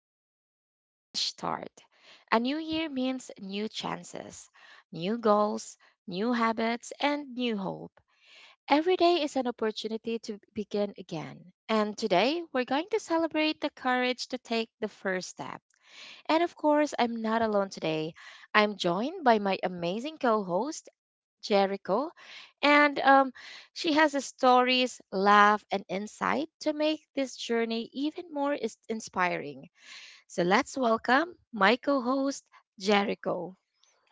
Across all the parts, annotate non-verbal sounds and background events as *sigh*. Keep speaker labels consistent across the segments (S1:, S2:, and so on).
S1: episode Fresh Start. A new year means new chances, new goals, new habits, and new hope. Every day is an opportunity to begin again. And today, we're going to celebrate the courage to take the first step. And of course, I'm not alone today. I'm joined by my amazing co host, Jericho. And She has a stories, laugh, and insight to make this journey even more inspiring. So let's welcome my co host, Jericho.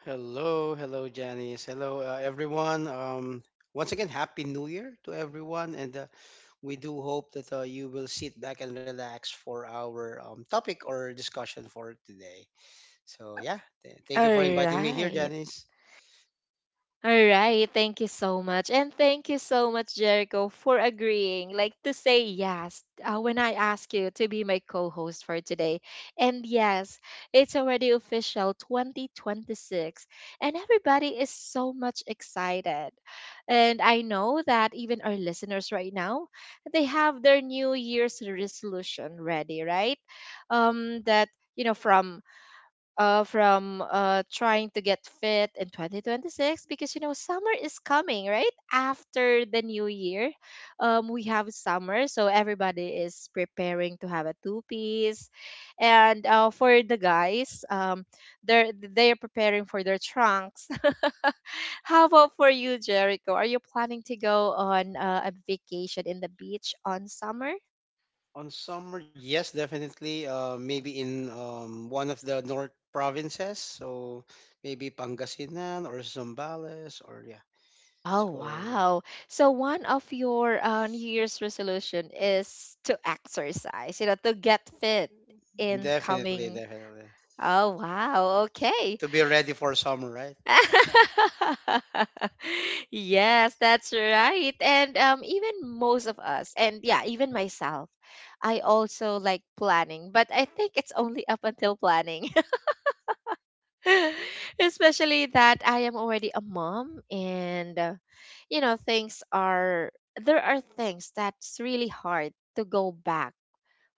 S2: Hello, hello, Janice. Hello, everyone. Once again, Happy New Year to everyone. And we do hope that you will sit back and relax for our topic or discussion for today. So, yeah, thank
S1: All
S2: you for inviting me here,
S1: right.
S2: Janice.
S1: All right, thank you so much. And thank you so much, Jericho, for agreeing, like to say yes when I ask you to be my co host for today. And yes, it's already official 2026, and everybody is so much excited. And I know that even our listeners right now, they have their New Year's resolution ready, right? That, from trying to get fit in 2026, because you know summer is coming right after the new year. Um, we have summer, so everybody is preparing to have a two piece, and for the guys, they're preparing for their trunks. *laughs* How about for you, Jericho? Are you planning to go on a vacation in the beach on summer?
S2: On summer, yes, definitely. Maybe in one of the north provinces. So, maybe Pangasinan or Zambales or, yeah.
S1: Oh,
S2: So,
S1: wow. So one of your New Year's resolution is to exercise, you know, to get fit in
S2: definitely,
S1: coming.
S2: definitely.
S1: Oh, wow. Okay.
S2: To be ready for summer, right?
S1: *laughs* Yes, that's right. And even most of us, and yeah, even myself, I also like planning, but I think it's only up until planning. *laughs* Especially that I am already a mom, and you know, things are, there are things that's really hard to go back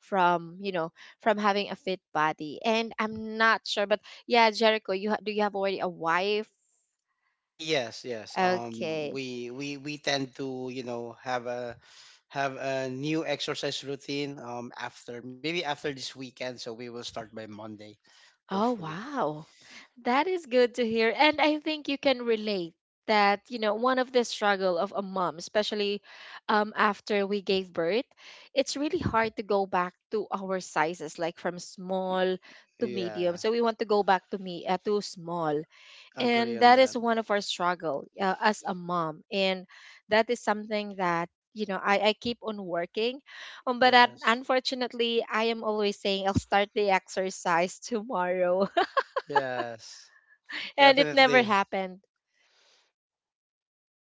S1: from, you know, from having a fit body. And I'm not sure, but yeah, Jericho, you do you have already a wife?
S2: Yes, yes.
S1: Okay.
S2: We tend to you know have a new exercise routine. After maybe after this weekend, so we will start by Monday,
S1: Oh,
S2: hopefully.
S1: wow. That is good to hear. And I think you can relate that, you know, one of the struggle of a mom, especially after we gave birth, it's really hard to go back to our sizes, like from
S2: Y-
S1: small to
S2: Yeah,
S1: medium. So we want to go back to me to small.
S2: agree
S1: And
S2: on
S1: that
S2: that.
S1: is one of our struggle as a mom. And that is something that, you know, I keep on working, but
S2: Yes,
S1: unfortunately, I am always saying I'll start the exercise *laughs* tomorrow,
S2: yes,
S1: and it never
S2: definitely.
S1: happened.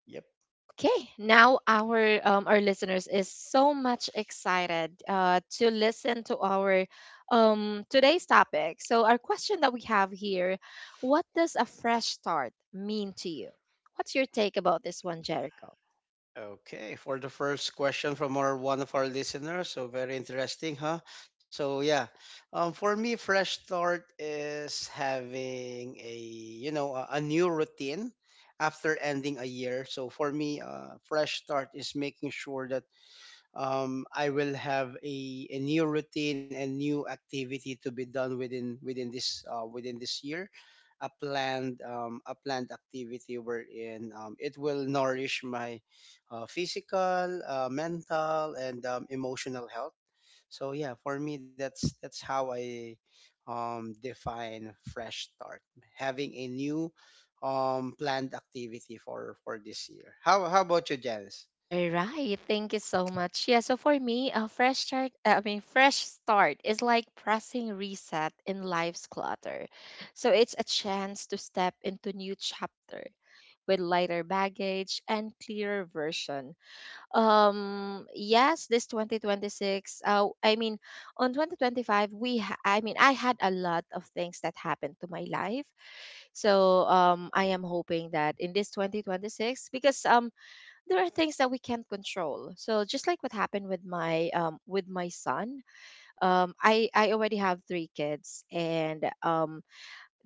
S2: Yep.
S1: Okay, now our listeners is so much excited to listen to our today's topic. So our question that we have here, what does a fresh start mean to you? What's your take about this one, Jericho?
S2: Okay, for the first question from our one of our listeners, so very interesting, huh? So yeah, for me, fresh start is having a you know a new routine after ending a year. So for me, fresh start is making sure that I will have a new routine and new activity to be done within this within this year. A planned activity wherein it will nourish my physical, mental, and emotional health. So yeah, for me that's how I define fresh start, having a new planned activity for this year. How about you, Janice?
S1: All right, thank you so much. Yeah, so for me, a fresh start, I mean, fresh start is like pressing reset in life's clutter. So it's a chance to step into new chapter with lighter baggage and clearer version. Yes, this 2026, I mean, on 2025, I mean, I had a lot of things that happened to my life. So I am hoping that in this 2026, because there are things that we can't control. So just like what happened with my son, I already have three kids, and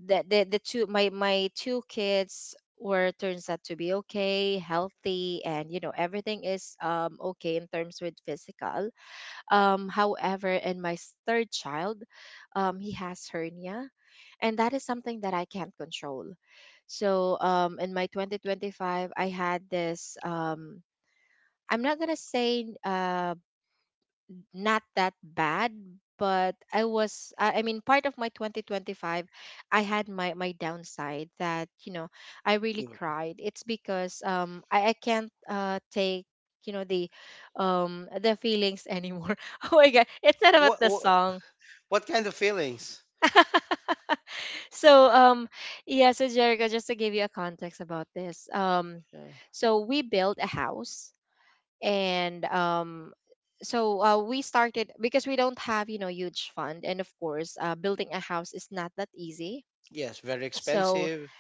S1: the two my my two kids were turns out to be okay, healthy, and you know, everything is okay in terms with physical. Um, however, in my third child, he has hernia, and that is something that I can't control. So in my 2025, I had this, I'm not gonna say not that bad, but I was I mean, part of my 2025, I had my downside that, you know, I really
S2: Okay.
S1: cried. It's because I can't take, you know, the, the feelings anymore. *laughs* Oh my god, it's not about
S2: What,
S1: the
S2: what
S1: song.
S2: What kind of feelings?
S1: *laughs* So yeah, so Jericho, just to give you a context about this,
S2: Uh,
S1: so we built a house. And so we started because we don't have, you know, huge fund, and of course, building a house is not that easy,
S2: yes, very
S1: so
S2: expensive.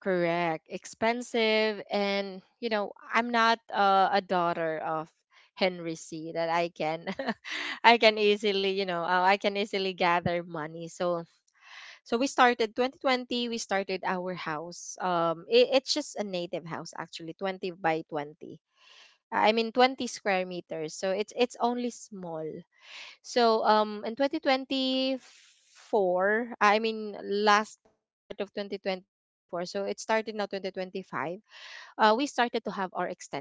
S1: correct, expensive. And you know, I'm not a daughter of Henry C that I can *laughs* I can easily, you know, I can easily gather money. So so we started 2020, we started our house. It's just a native house actually, 20 by 20, I mean 20 square meters. So it's only small. So in 2024, I mean last part of 2024, so it started now 2025. Uh, we started to have our extension.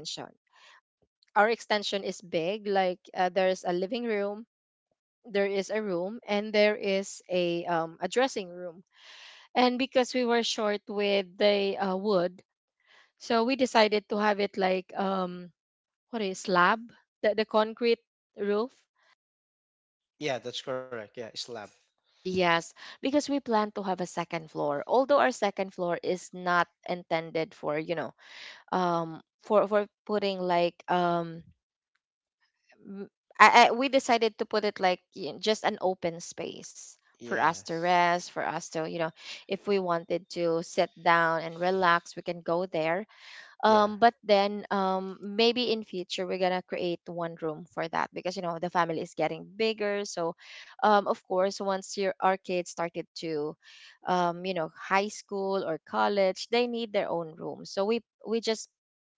S1: Our extension is big, like there's a living room, there is a room, and there is a dressing room. And because we were short with the wood, so we decided to have it like what is slab, the concrete roof.
S2: Yeah, that's correct. Yeah, slab.
S1: Yes, because we plan to have a second floor. Although our second floor is not intended for, you know, for putting like m- I we decided to put it like just an open space for us to
S2: Yes.
S1: rest, for us to, you know, if we wanted to sit down and relax, we can go there.
S2: Yeah.
S1: But then maybe in future, we're gonna create one room for that, because you know, the family is getting bigger. So of course, once your our kids started to, you know, high school or college, they need their own room. So we just,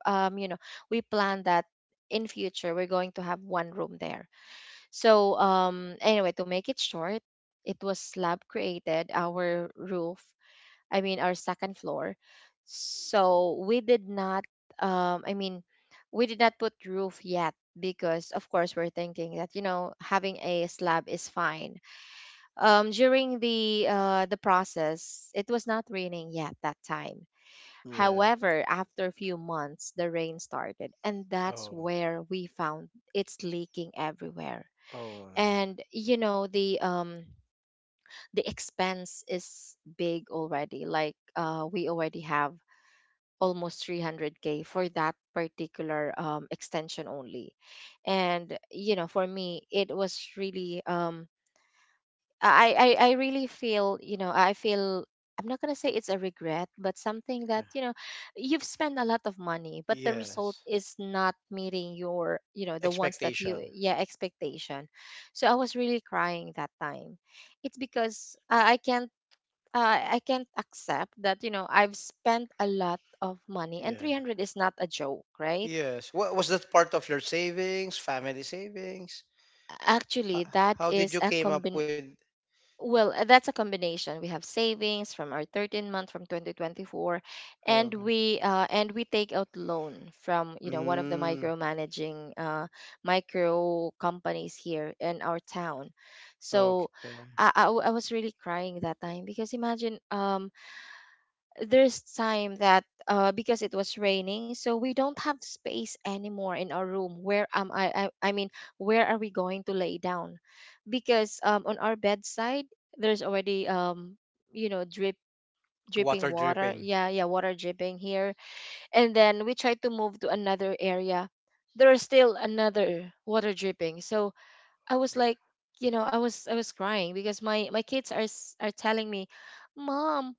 S1: you know, we plan that in future, we're going to have one room there. So anyway, to make it short, it was slab, created our roof, I mean, our second floor. So we did not, I mean, we did not put roof yet because, of course, we're thinking that, you know, having a slab is fine. During the process, it was not raining yet that time.
S2: Yeah.
S1: However, after a few months, the rain started, and that's
S2: Oh.
S1: where we found it's leaking everywhere.
S2: Oh no.
S1: And you know, the expense is big already. Like we already have almost 300K for that particular extension only. And you know, for me, it was really, I really feel, you know, I feel, I'm not gonna say it's a regret, but something
S2: Yeah.
S1: that, you know, you've spent a lot of money but the result
S2: Yes.
S1: is not meeting your, you know, the ones that you,
S2: Expectation.
S1: yeah, expectation. So I was really crying that time. It's because I can't I can't accept that, you know, I've spent a lot of money, and
S2: Yeah.
S1: 300 is not a joke, right?
S2: Yes. What was that part of your savings, family savings?
S1: Actually,
S2: How,
S1: that
S2: how did
S1: is
S2: you
S1: a
S2: came up
S1: combin
S2: with?
S1: Well, that's a combination. We have savings from our 13-month from 2024,
S2: Oh,
S1: and
S2: okay.
S1: we take out loan from, you know, one of the
S2: Mm,
S1: micromanaging micro companies here in our town. So
S2: okay.
S1: I was really crying that time because imagine, there's time that because it was raining, so we don't have space anymore in our room. Where am I, I? I mean, where are we going to lay down? Because on our bedside, there's already, you know, dripping
S2: Water
S1: water.
S2: dripping.
S1: Yeah, yeah, water dripping here, and then we tried to move to another area. There is still another water dripping. So I was like, you know, I was crying because my kids are telling me, "Mom,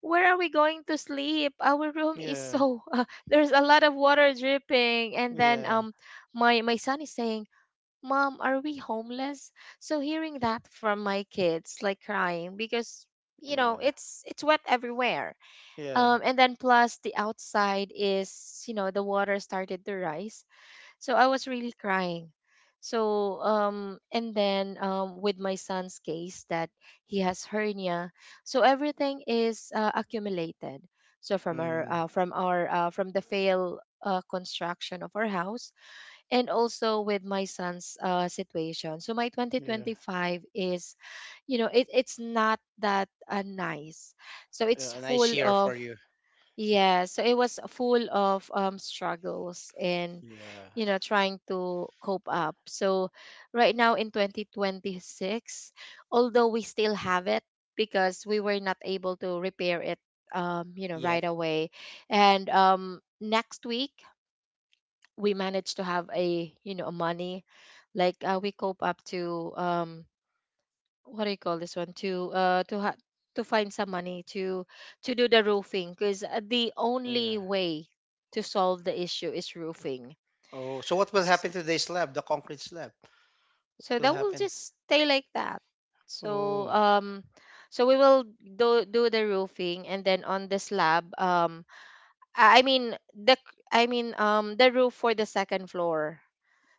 S1: where are we going to sleep? Our room is
S2: Yeah.
S1: so *laughs* there's a lot of water dripping." And then
S2: Yeah.
S1: my my son is saying, "Mom, are we homeless?" So hearing that from my kids, like crying because, you
S2: Yeah.
S1: know, it's wet everywhere.
S2: Yeah.
S1: And then plus the outside is, you know, the water started to rise. So I was really crying. So and then with my son's case that he has hernia, so everything is accumulated. So from
S2: Mm,
S1: our from the fail construction of our house, and also with my son's situation. So my
S2: yeah.
S1: 2025 is, you know, it's not that nice. So
S2: Yeah.
S1: it's
S2: And I see
S1: full
S2: her for
S1: of,
S2: you.
S1: yeah, so it was full of struggles and,
S2: Yeah.
S1: you know, trying to cope up. So right now in 2026, although we still have it because we were not able to repair it, you know,
S2: Yet.
S1: right away. And next week, we managed to have a, money like we cope up to what do you call this one to to find some money to do the roofing because the only
S2: Yeah.
S1: way to solve the issue is roofing.
S2: Oh, so what will
S1: S-
S2: happen to the slab, the concrete slab? What
S1: so
S2: will
S1: that will
S2: happen?
S1: just stay like that.
S2: Oh.
S1: so um so we will do the roofing, and then on the slab, I mean the c- I mean the roof for the second floor,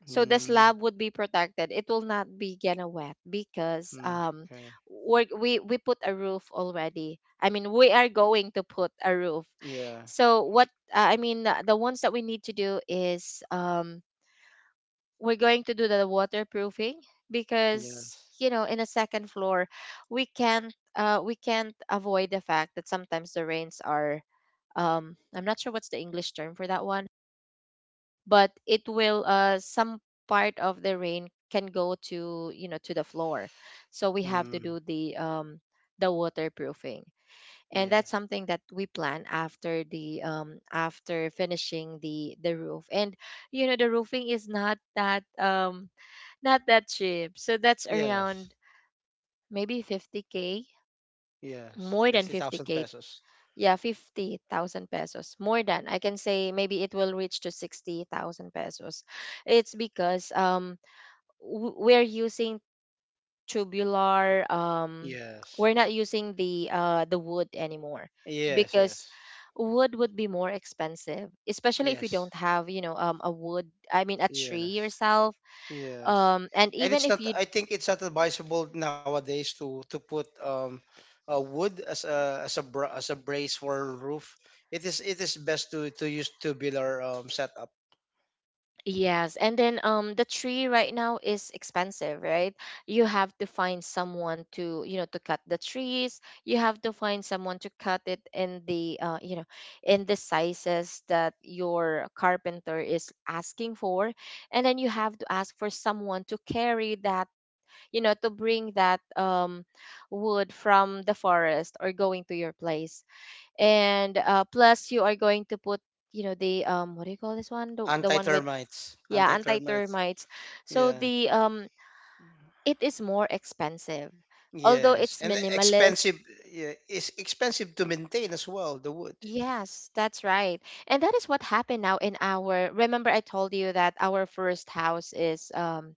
S1: so the
S2: Mm,
S1: slab would be protected. It will not be gonna wet because
S2: mm,
S1: um
S2: okay.
S1: we we we put a roof already. I mean, we are going to put a roof.
S2: Yeah.
S1: So what I mean The ones that we need to do is we're going to do the waterproofing, because
S2: Yes.
S1: you know, in a second floor, we can't avoid the fact that sometimes the rains are I'm not sure what's the English term for that one, but it will some part of the rain can go to, you know, to the floor. So we have to
S2: Mm,
S1: do the waterproofing.
S2: yeah.
S1: And that's something that we plan after the after finishing the roof. And you know, the roofing is not that not that cheap. So that's
S2: Yes.
S1: around maybe 50K.
S2: Yes.
S1: More than
S2: 50,000
S1: 50K.
S2: pesos.
S1: Yeah, 50,000 pesos. More than. I can say maybe it will reach to 60,000 pesos. It's because we're using tubular.
S2: Yes.
S1: We're not using the wood anymore,
S2: Yes,
S1: because
S2: yes.
S1: wood would be more expensive, especially if you
S2: Yes.
S1: don't have, you know, a wood, I mean a
S2: Yes.
S1: tree yourself.
S2: Yes.
S1: And
S2: And
S1: even
S2: it's
S1: if
S2: not
S1: you…
S2: I think it's not advisable nowadays to put wood as a as a as a brace for roof. It is best to use tubular setup.
S1: Yes, and then the tree right now is expensive, right? You have to find someone to, you know, to cut the trees. You have to find someone to cut it in the you know, in the sizes that your carpenter is asking for. And then you have to ask for someone to carry that, you know, to bring that wood from the forest or going to your place. And plus you are going to put, you know, the what do you call this one? The one with…
S2: Anti-termites.
S1: Yeah,
S2: Anti-termites.
S1: anti-termites. So
S2: Yeah.
S1: the it is more expensive, although
S2: Yes.
S1: it's
S2: And the
S1: minimalist.
S2: expensive. Yeah, it's expensive to maintain as well, the wood.
S1: Yes, that's right. And that is what happened now in our… Remember I told you that our first house is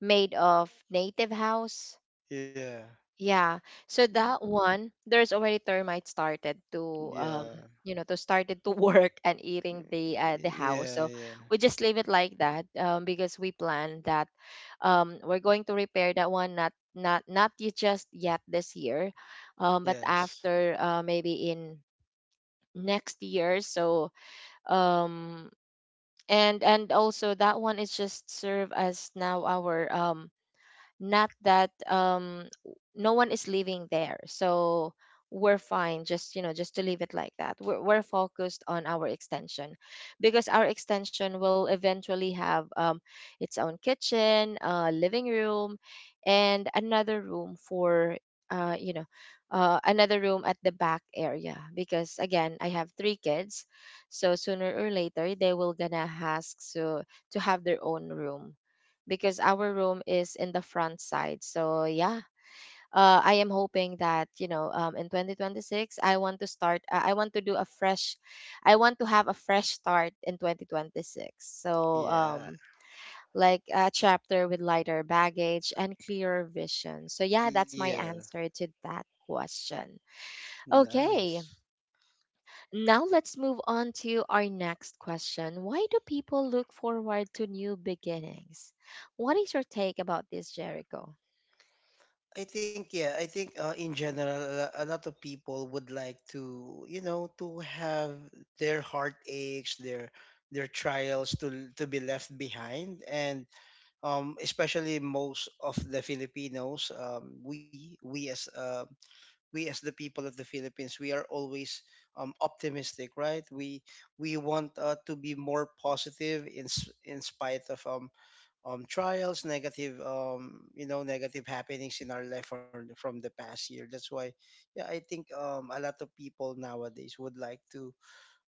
S1: made of native house.
S2: Yeah.
S1: Yeah. So that one, there's already termites started to
S2: Yeah.
S1: started to *laughs* work and eating the house.
S2: Yeah,
S1: So
S2: yeah.
S1: we just leave it like that, because we plan that we're going to repair that one, not not not y- just yet this year, but
S2: Yes.
S1: after maybe in next year. So um and also that one is just serve as now our not that no one is living there, so we're fine just, you know, just to leave it like that. We're focused on our extension, because our extension will eventually have its own kitchen, living room, and another room for uh, you know another room at the back area, because again, I have 3 kids, so sooner or later they will gonna ask so to have their own room, because our room is in the front side. So yeah, I am hoping that you know, in 2026 I want to start. I want to do a fresh. I want to have a fresh start in 2026. So
S2: Yeah.
S1: like a chapter with lighter baggage and clearer vision. So yeah, that's my
S2: Yeah.
S1: answer to that question. Okay,
S2: Nice.
S1: now let's move on to our next question. Why do people look forward to new beginnings? What is your take about this, Jericho?
S2: I think yeah, I think in general a lot of people would like to, you know, to have their heartaches, their trials to be left behind and especially most of the Filipinos, we as the people of the Philippines, we are always optimistic, right? We want to be more positive in in spite of trials, negative you know negative happenings in our life from the past year. That's why, yeah, I think a lot of people nowadays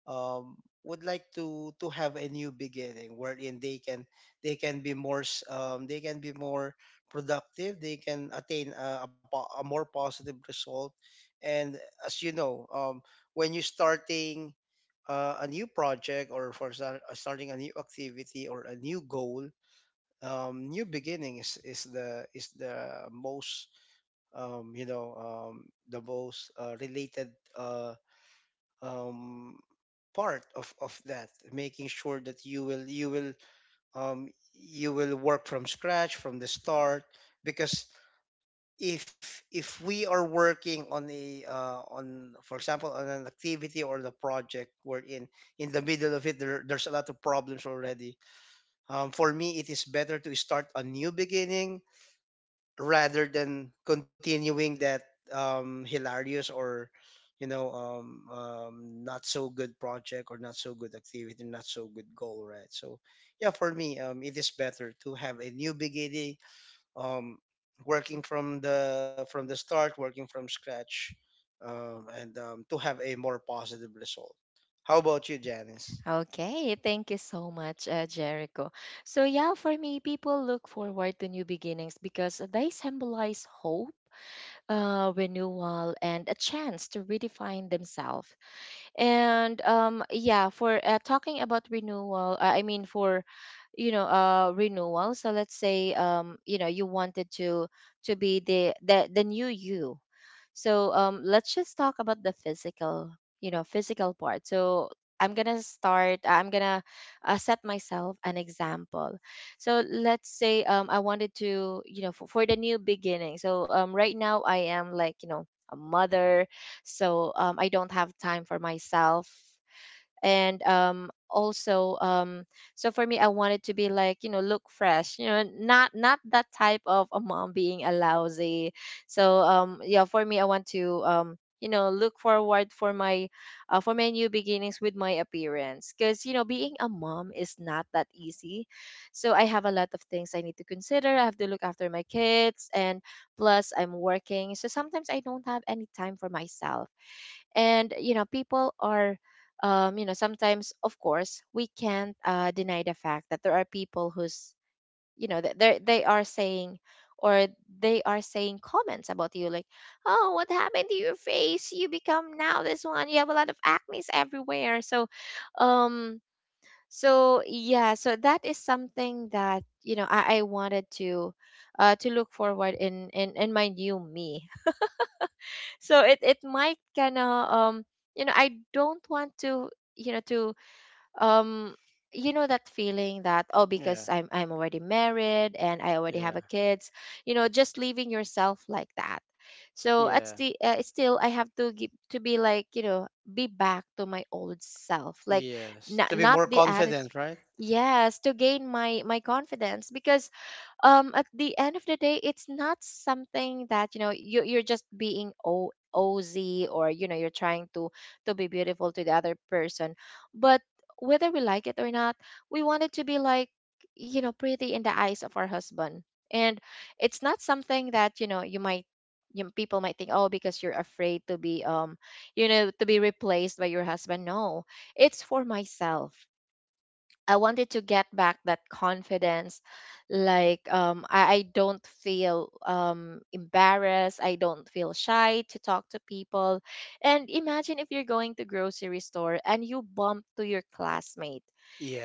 S2: um, would like to have a new beginning wherein they can be they can be more productive they can attain a, a more positive result and as you know when you're starting a new project or starting a new activity or a new goal new beginning is the most you know the most related uh, um, part of that making sure that you will you will work from scratch from the start because if we are working on a on for example on an activity or the project we're in the middle of it there, there's a lot of problems already for me it is better to start a new beginning rather than continuing that hilarious or you know not so good project or not so good activity not so good goal right so yeah for me it is better to have a new beginning um, working from the start working from scratch and to have a more positive result. How about you,
S1: Mm.
S2: Janice?
S1: Okay, thank you so much, Jericho. So yeah, for me, people look forward to new beginnings because they symbolize hope, renewal, and a chance to redefine themselves. And yeah, for talking about renewal, I mean, for you know renewal, so let's say, you know, you wanted to be the new you. So let's just talk about the physical, you know, physical part. So I'm gonna start. I'm gonna set myself an example. So let's say, I wanted to, you know, for the new beginning. So right now I am like, you know, a mother, so I don't have time for myself. And also So for me, I wanted to be like, you know, look fresh, you know, not that type of a mom being a lousy. So yeah, for me, I want to you know, look forward for my new beginnings with my appearance, because you know, being a mom is not that easy. So I have a lot of things I need to consider. I have to look after my kids, and plus I'm working, so sometimes I don't have any time for myself. And you know, people are you know, sometimes, of course, we can't deny the fact that there are people who's, you know, they are saying, or they are saying comments about you, like, oh, what happened to your face? You become now this one. You have a lot of acne everywhere. So, um, so yeah, so that is something that you know I wanted to look forward in my new me. *laughs* So it might kind of you know, I don't want to um you know that feeling that oh, because
S2: Yeah,
S1: I'm already married and I already have
S2: yeah,
S1: a kids, you know, just leaving yourself like that. So
S2: yeah,
S1: at the still I have to give to be like, you know, be back to my old self, like,
S2: yes, to be
S1: not
S2: more
S1: the attitude.
S2: confident right.
S1: Yes, to gain my confidence, because at the end of the day, it's not something that you know you're just being ozy, or you know, you're trying to be beautiful to the other person, but whether we like it or not, we want it to be like, you know, pretty in the eyes of our husband. And it's not something that you know you might you know, people might think oh, because you're afraid to be you know to be replaced by your husband. No, it's for myself. I wanted to get back that confidence. Like, I don't feel embarrassed. I don't feel shy to talk to people. And imagine if you're going to grocery store and you bump to your classmate,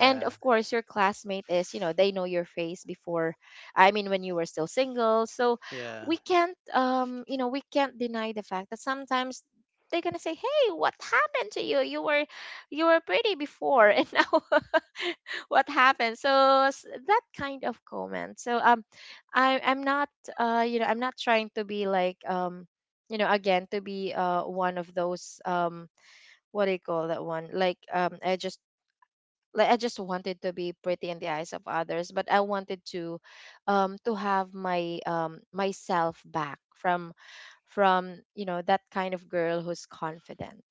S1: and of course your classmate is, you know, they know your face before, I mean when you were still single. So
S2: yeah.
S1: we can't you know, we can't deny the fact that sometimes they're gonna say, hey, what happened to you? You were you were pretty before, and now *laughs* what happened? So that kind of comment. So I'm not you know, I'm not trying to be like, you know, again, to be one of those what do you call that one, like, I just, like, I just wanted to be pretty in the eyes of others, but I wanted to have my myself back from you know that kind of girl who's confident.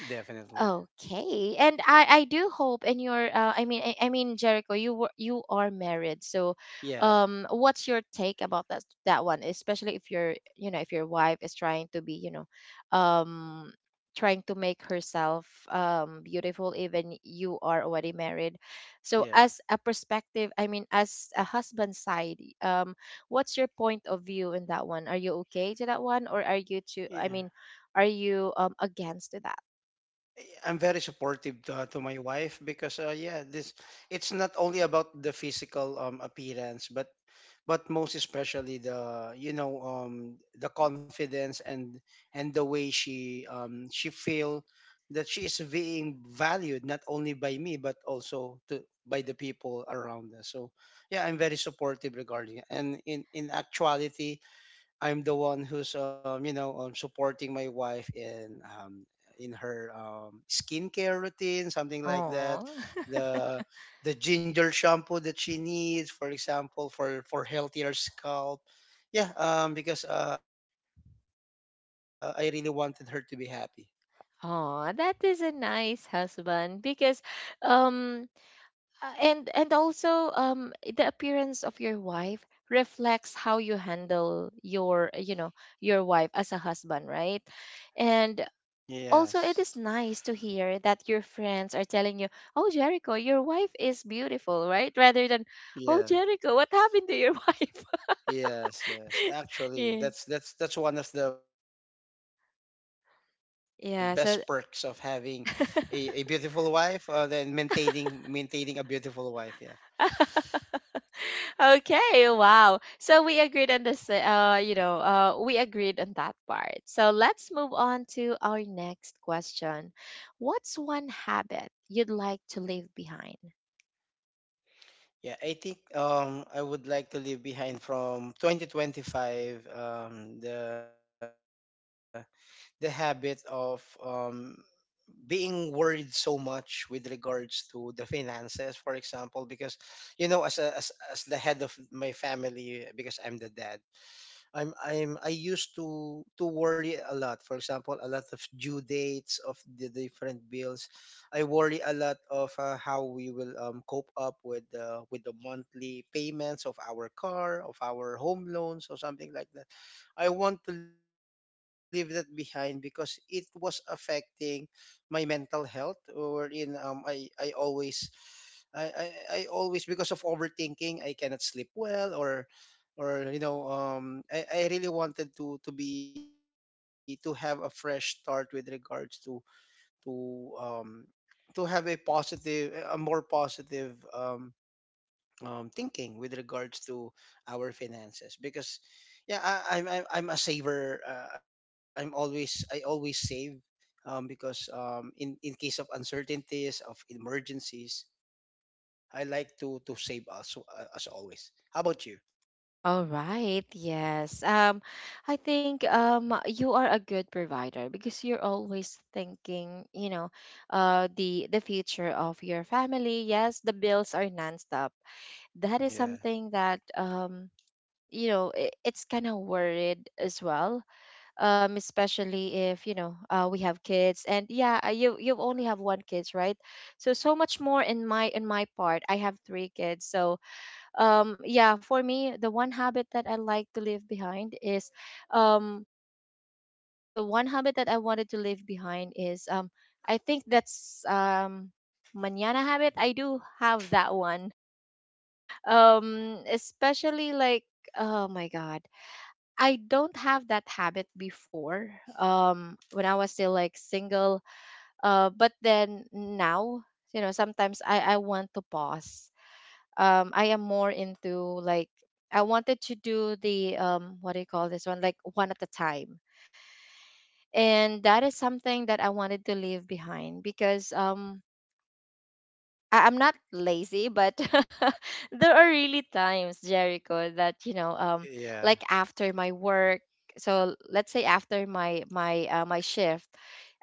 S2: Definitely.
S1: Okay, and I do hope. And your I mean I mean Jericho, you were, you are married, so
S2: Yeah.
S1: what's your take about that that one, especially if your you know, if your wife is trying to be, you know, um trying to make herself beautiful even you are already married, so
S2: Yeah.
S1: as a perspective, I mean as a husband side, what's your point of view in that one? Are you okay to that one, or are you to,
S2: Yeah.
S1: I mean, are you against that?
S2: I'm very supportive to my wife because yeah, this it's not only about the physical appearance but most especially the you know the confidence and the way she feel that she is being valued not only by me but also to by the people around us. So yeah, I'm very supportive regarding it. And in actuality I'm the one who's you know supporting my wife in her skincare routine, something like that. The the ginger shampoo that she needs, for example, for healthier scalp. Yeah, because I really wanted her to be happy.
S1: Oh, that is a nice husband, because um and also the appearance of your wife reflects how you handle your, you know, your wife as a husband, right? And
S2: Yes.
S1: also it is nice to hear that your friends are telling you, "Oh, Jericho, your wife is beautiful," right? Rather than,
S2: Yeah.
S1: "Oh, Jericho, what happened to your *laughs* wife?"
S2: Yes, yes.
S1: *laughs*
S2: Actually,
S1: Yeah.
S2: that's that's one of the best perks of having a
S1: Yeah,
S2: beautiful
S1: so
S2: wife, then
S1: *laughs*
S2: maintaining a beautiful wife. Yeah.
S1: *laughs* okay, wow. So we agreed on this, we agreed on that part. So let's move on to our next question. What's one habit you'd like to leave behind?
S2: Yeah, I think I would like to leave behind from 2025 the habit of being worried so much with regards to the finances for example because you know as a, as as the head of my family because I'm the dad I'm I used to worry a lot. For example, a lot of due dates of the different bills. I worry a lot of how we will cope up with the monthly payments of our car, of our home loans, or something like that. I want to leave that behind because it was affecting my mental health. Wherein I always I always because of overthinking I cannot sleep well or you know I really wanted to be to have a fresh start with regards to um to have a positive a more positive thinking with regards to our finances because yeah I'm a saver I'm always I always save because in case of uncertainties of emergencies I like to save also, as always. How about you?
S1: All right, yes. I think you are a good provider, because you're always thinking, you know, the future of your family. Yes, the bills are nonstop. That is
S2: Yeah,
S1: something that you know it's kind of worried as well, especially if you know, we have kids. And yeah, you you only have one kids, right? So so much more in my, in my part, I have three kids. So yeah, for me, the one habit that I like to leave behind is um the one habit that I wanted to leave behind is, I think that's, manana habit. I do have that one, especially like, oh my god. I don't have that habit before, when I was still like single. But then now, you know, sometimes I want to pause. I am more into like, I wanted to do the, what do you call this one, like one at a time. And that is something that I wanted to leave behind because, I'm not lazy, but *laughs* there are really times, Jericho, that you know,
S2: yeah,
S1: like after my work. So let's say after my shift,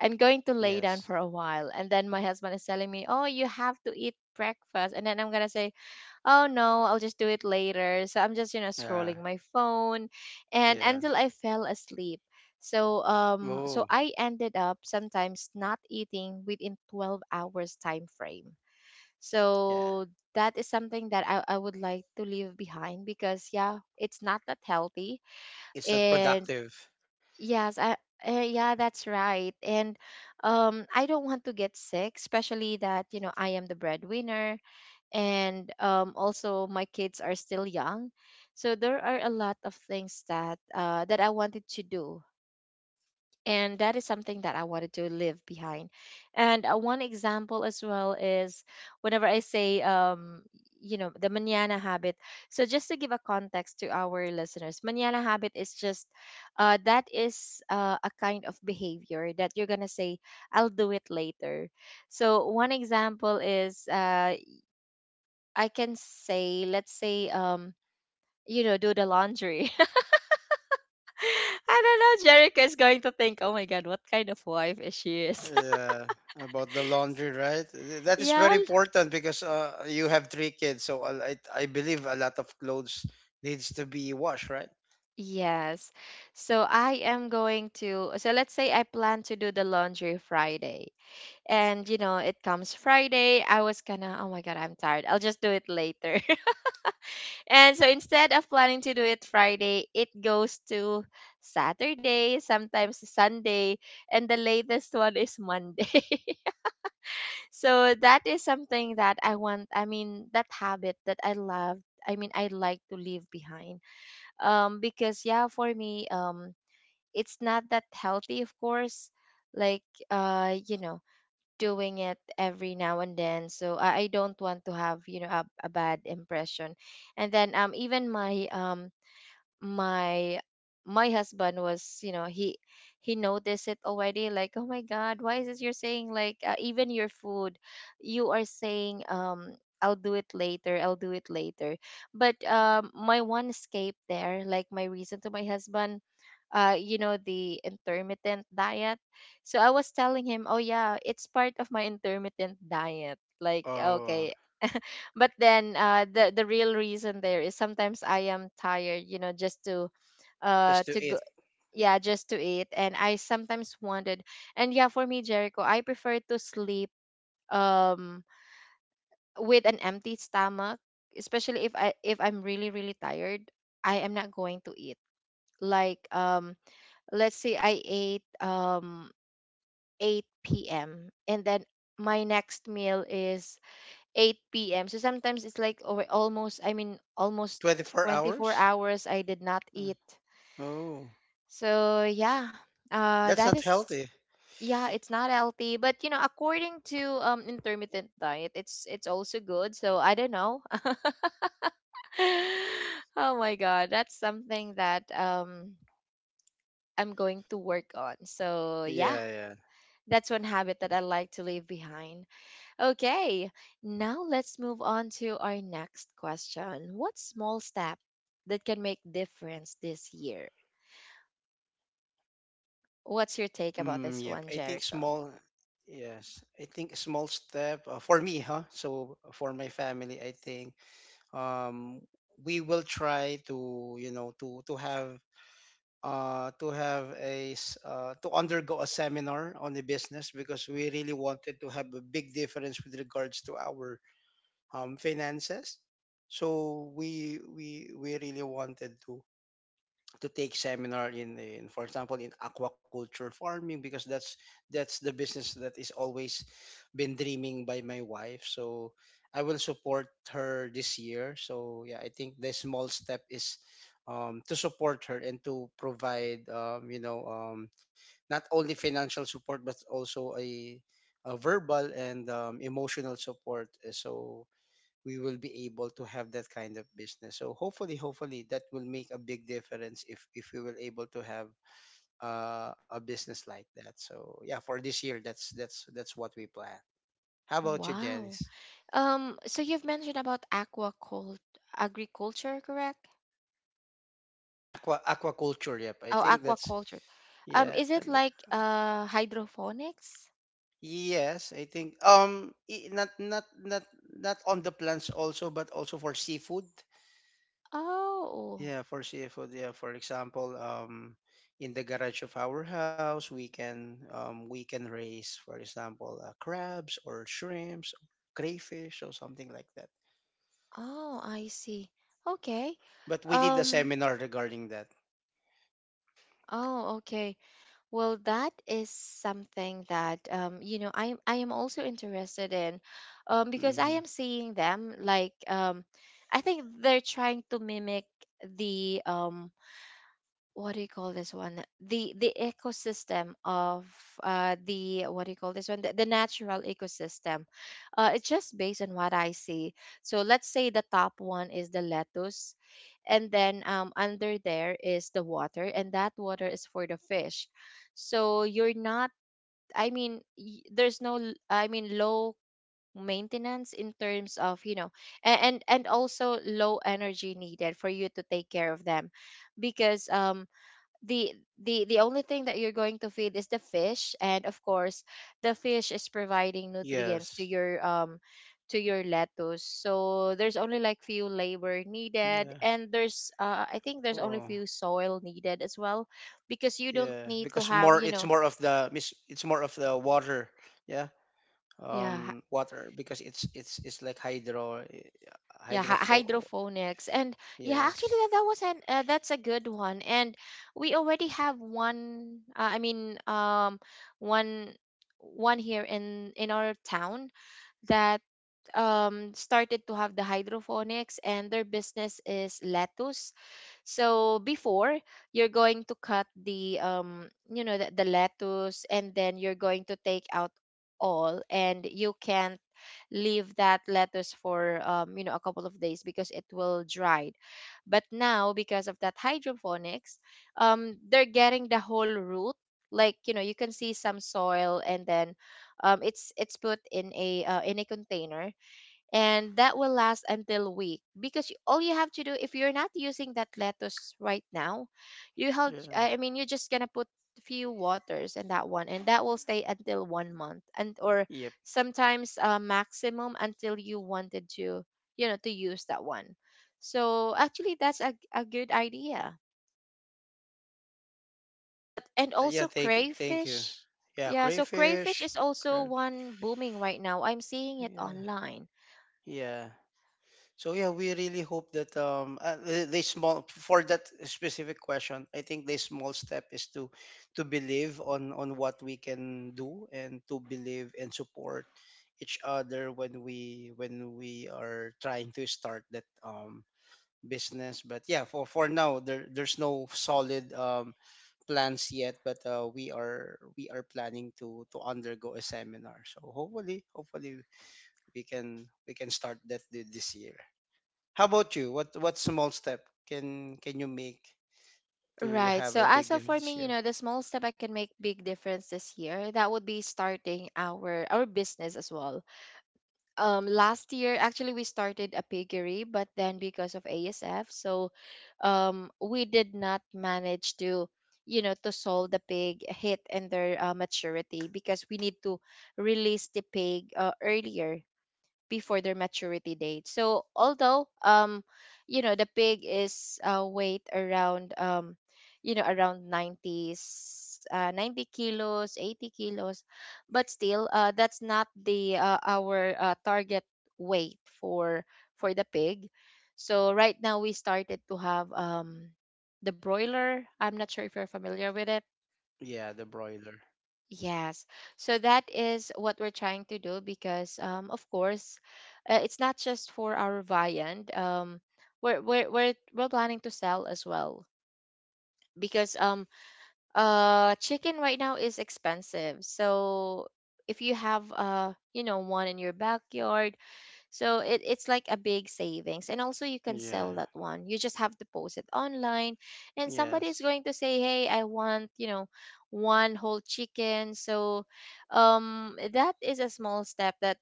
S1: I'm going to lay down for a while, and then my husband is telling me, "Oh, you have to eat breakfast," and then I'm gonna say, "Oh no, I'll just do it later." So I'm just, you know,
S2: Yeah,
S1: scrolling my phone, and
S2: yeah.
S1: until I fell asleep. So
S2: Oh,
S1: um so I ended up sometimes not eating within 12 hours time frame.
S2: yeah.
S1: So that is something that I would like to leave behind because yeah, it's not that healthy.
S2: It's not
S1: And
S2: productive.
S1: yes, I, yeah, that's right. And I don't want to get sick, especially that, you know, I am the breadwinner, and also my kids are still young. So there are a lot of things that that I wanted to do, and that is something that I wanted to leave behind. And one example as well is, whenever I say, you know, the manana habit. So just to give a context to our listeners, manana habit is just, that is, a kind of behavior that you're gonna say, "I'll do it later." So one example is, I can say, let's say, you know, do the laundry. *laughs* I don't know. Jerica is going to think, oh my god, what kind of wife is she?
S2: Yeah, about the laundry, right? That is very
S1: Yeah.
S2: important because you have three kids, so I believe a lot of clothes needs to be washed, right?
S1: Yes. So I am going to, so let's say I plan to do the laundry Friday. And, you know, it comes Friday. I was gonna, oh my god, I'm tired. I'll just do it later. *laughs* And so instead of planning to do it Friday, it goes to Saturday, sometimes Sunday, and the latest one is Monday. *laughs* So that is something that I want, I mean, that habit that I love. I mean, I like to leave behind. Because yeah, for me, it's not that healthy of course, like, you know, doing it every now and then. So I don't want to have, you know, a bad impression. And then even my my my husband was, you know, he noticed it already, like oh my god, why is it you're saying like, even your food you are saying, I'll do it later, I'll do it later. But my one escape there, like my reason to my husband, you know, the intermittent diet. So I was telling him, oh yeah, it's part of my intermittent diet, like okay.
S2: Oh,
S1: But then, the real reason there is sometimes I am tired, you know, just
S2: just
S1: to
S2: to
S1: go.
S2: eat.
S1: Yeah, just to eat. And I sometimes wanted, and yeah, for me, Jericho, I prefer to sleep, um with an empty stomach. Especially if I if I'm really really tired, I am not going to eat. Like let's say I ate, 8 p.m, and then my next meal is 8 p.m. So sometimes it's like over almost, I mean, almost
S2: 24
S1: 24
S2: hours?
S1: hours I did not
S2: Uh,
S1: eat.
S2: Oh,
S1: So yeah,
S2: that's
S1: that
S2: not
S1: is.
S2: healthy.
S1: Yeah, it's not healthy, but you know, according to intermittent diet, it's also good. So I don't know. *laughs* Oh my god, that's something that I'm going to work on. So yeah,
S2: Yeah, yeah.
S1: that's one habit that I like to leave behind. Okay, now let's move on to our next question. What small step that can make difference this year?
S2: Mm, yep. I
S1: What's
S2: think
S1: your take
S2: small,
S1: about this one, Jericho?
S2: yes. I think small step for me, huh? So for my family, I think um, we will try to you know to have a to undergo a seminar on the business because we really wanted to have a big difference with regards to our finances so we really wanted to take seminar in for example in aquaculture farming because that's the business that is always been dreaming by my wife so I will support her this year so yeah I think the small step is to support her and to provide you know not only financial support but also a verbal and emotional support. So we will be able to have that kind of business. So hopefully, hopefully that will make a big difference if we were able to have a business like that. So yeah, for this year, that's that's what we plan. How
S1: Oh,
S2: about you,
S1: wow.
S2: Janice?
S1: So you've mentioned about aquacult, agriculture, correct?
S2: Aqua aquaculture. Yep, I
S1: Oh,
S2: think that's
S1: aquaculture.
S2: yeah.
S1: Is it
S2: Th-
S1: like hydroponics?
S2: Yes, I think not not on the plants also, but also for seafood.
S1: Oh.
S2: Yeah, for seafood, yeah. For example, in the garage of our house, we can raise, for example, crabs or shrimps, crayfish or something like that.
S1: Oh, I see. Okay.
S2: But we did a
S1: Um.
S2: seminar regarding that.
S1: Oh, okay. Well, that is something that, you know, I am also interested in, because I
S2: Hmm.
S1: am seeing them like, I think they're trying to mimic the, what do you call this one, the ecosystem of, the, what do you call this one, the natural ecosystem. It's just based on what I see. So let's say the top one is the lettuce, and then under there is the water, and that water is for the fish. So you're not, I mean, there's no I mean, low maintenance in terms of, you know, and also low energy needed for you to take care of them, because the the only thing that you're going to feed is the fish, and of course
S2: Yes.
S1: the fish is providing nutrients to your, to your lettuce. So there's only like few
S2: Yeah.
S1: labor needed, and there's,
S2: Oh,
S1: I think there's only few soil needed as well,
S2: yeah.
S1: because you don't
S2: Because
S1: need
S2: more,
S1: to
S2: it's
S1: have,
S2: more
S1: you
S2: of
S1: know.
S2: it's more of the water. Yeah.
S1: yeah hy-
S2: Water because it's like hydro,
S1: yeah,
S2: hydrofo.
S1: hydroponics. And yeah, actually
S2: Yes.
S1: that was an that's a good one. And we already have one, I mean, one, one here in our town that started to have the hydroponics, and their business is lettuce. So before, you're going to cut the, you know, the lettuce, and then you're going to take out all, and you can not leave that lettuce for, you know, a couple of days, because it will dry. But now because of that hydroponics, they're getting the whole root. Like you know, you can see some soil, and then it's put in a, in a container. And that will last until week, because you, all you have to do if you're not using that lettuce right now, you have,
S2: Yeah.
S1: I mean, you're just gonna put few waters in that one, and that will stay until 1 month. And or
S2: Yep.
S1: sometimes, maximum until you wanted to, you know, to use that one. So actually that's a good idea. But and
S2: That. Yeah,
S1: also
S2: thank you.
S1: crayfish.
S2: Yeah,
S1: Yeah, so crayfish
S2: crayfish,
S1: is also
S2: crab.
S1: one booming right now. I'm seeing it
S2: Yeah.
S1: online.
S2: Yeah. So yeah, we really hope that the small for that specific question, I think the small step is to believe on what we can do and to believe and support each other when we are trying to start that business. But yeah, for now there there's no solid plans yet, but we are planning to undergo a seminar. So hopefully, hopefully we can start that this year. How about you? What small step can you make to
S1: Right.
S2: have
S1: So
S2: a
S1: as
S2: big
S1: of
S2: difference
S1: for
S2: this
S1: me, you
S2: year?
S1: know, the small step I can make big difference this year, that would be starting our business as well. Um, last year actually we started a piggery, but then because of ASF, so we did not manage to, you know, to solve the pig hit and their, maturity, because we need to release the pig, earlier before their maturity date. So although, you know, the pig is, weight around, you know, around 90s, 90 kilos, 80 kilos, but still, that's not the, our, target weight for the pig. So right now we started to have, the broiler. I'm not sure if you're familiar with it.
S2: Yeah, the broiler.
S1: Yes. So that is what we're trying to do because, of course, it's not just for our viand. Um, we're planning to sell as well, because chicken right now is expensive. So if you have, you know, one in your backyard, so it's like a big savings. And also you can
S2: Yeah.
S1: sell that one. You just have to post it online, and somebody is
S2: Yes.
S1: going to say, "Hey, I want, you know, one whole chicken." So that is a small step that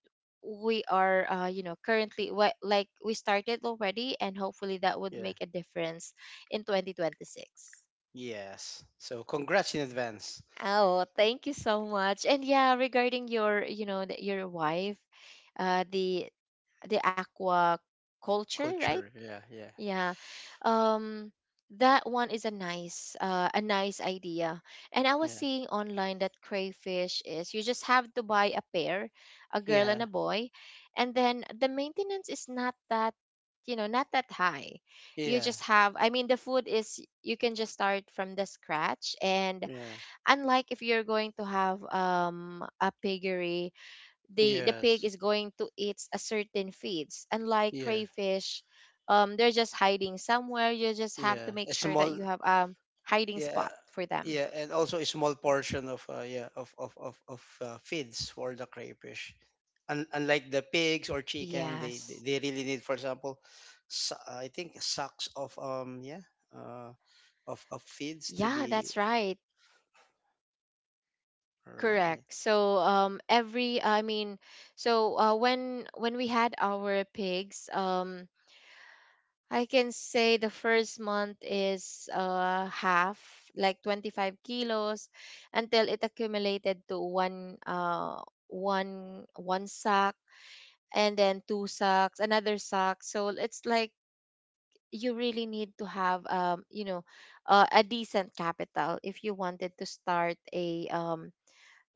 S1: we are, you know, currently what, like we started already, and hopefully that would
S2: Yeah.
S1: make a difference in 2026.
S2: Yes. So congrats in advance.
S1: Oh, thank you so much. And yeah, regarding your, you know, your wife, uh the the aqua culture, right?
S2: Culture. Yeah, yeah,
S1: Yeah. Um that one is a nice, a nice idea. And I was
S2: yeah,
S1: seeing online that crayfish is, you just have to buy a pair, a girl
S2: yeah,
S1: and a boy, and then the maintenance is not that, you know, not that high. You
S2: yeah,
S1: just have, I mean, the food is you can just start from the scratch. And
S2: yeah.
S1: unlike if you're going to have a piggery, the pig
S2: Yes.
S1: is going to eat a certain feeds, unlike
S2: Yeah,
S1: crayfish. They're just hiding somewhere. You just have
S2: yeah.
S1: to make
S2: A
S1: sure that
S2: small.
S1: you have a hiding
S2: Yeah,
S1: spot for them.
S2: yeah, and also a small portion of yeah of feeds for the crayfish. Unlike the pigs or chicken, they they
S1: Yes.
S2: they really need, for example, I think sacks of yeah uh of feeds to
S1: Yeah, that's
S2: be
S1: right.
S2: right.
S1: Correct. So every, I mean, so when we had our pigs, I can say the first month is, half, like 25 kilos, until it accumulated to one, one sack, and then two sacks, another sack. So it's like you really need to have, you know, a decent capital if you wanted to start a,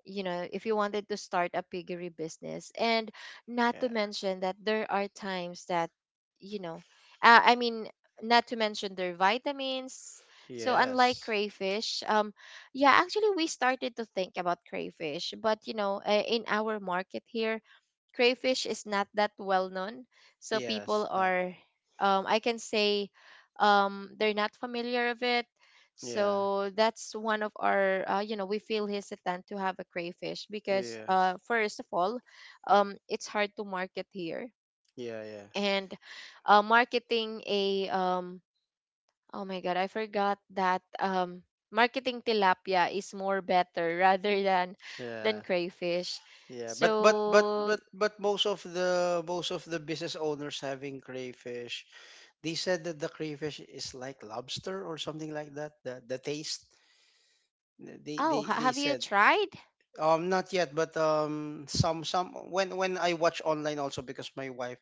S1: you know, if you wanted to start a piggery business. And not to
S2: Yeah.
S1: mention that there are times that, you know, I mean, not to mention their vitamins. So unlike
S2: Yes.
S1: crayfish, yeah, actually we started to think about crayfish, but in our market here, crayfish is not that well known. So
S2: Yes.
S1: people
S2: Not.
S1: are, I can say, they're not familiar of it,
S2: Yeah.
S1: so that's one of our, we feel hesitant to have a crayfish because,
S2: Yes.
S1: first of all, it's hard to market here.
S2: Yeah, yeah.
S1: And marketing a, oh my God, I forgot that, marketing tilapia is more better *laughs* rather than
S2: Yeah.
S1: crayfish.
S2: Yeah. But
S1: So,
S2: most of the business owners having crayfish, they said that the crayfish is like lobster or something like that. The taste. They
S1: oh,
S2: they they
S1: have you
S2: said
S1: tried?
S2: not yet, but some when I watch online also because my wife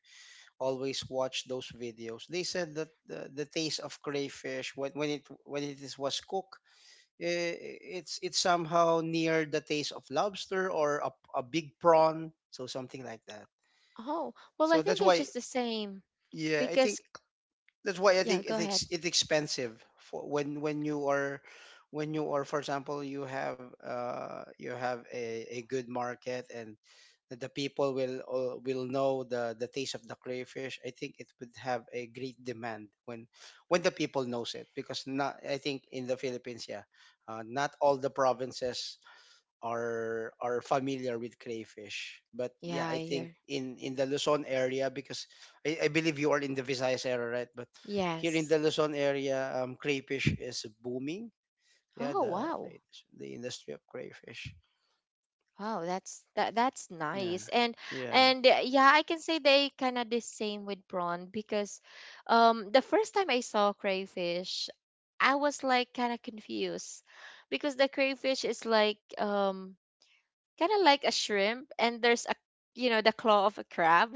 S2: always watch those videos. They said that the taste of crayfish when when it is was cooked, eh, it's somehow near the taste of lobster or a big prawn, so something like that.
S1: Oh, well, I
S2: So
S1: think
S2: that's
S1: they're
S2: why,
S1: just the same
S2: yeah, I
S1: because,
S2: think that's why I
S1: yeah,
S2: think
S1: go
S2: it's
S1: ahead.
S2: it's expensive for when when you are, for example, you have a good market, and that the people will will know the taste of the crayfish. I think it would have a great demand when the people knows it. Because not, I think in the Philippines, yeah, not all the provinces are familiar with crayfish. But yeah,
S1: Yeah,
S2: I
S1: I
S2: think
S1: hear.
S2: in the Luzon area because I believe you are in the Visayas area, right? But here in
S1: Yes.
S2: the Luzon area, crayfish is booming. Yeah,
S1: Oh,
S2: the
S1: wow.
S2: the industry of crayfish.
S1: Wow, that's
S2: Yeah,
S1: nice. And
S2: yeah,
S1: and uh, yeah, I can say they kind of the same with prawn because the first time I saw crayfish, I was like kind of confused because the crayfish is like, kind of like a shrimp, and there's a, the claw of a crab.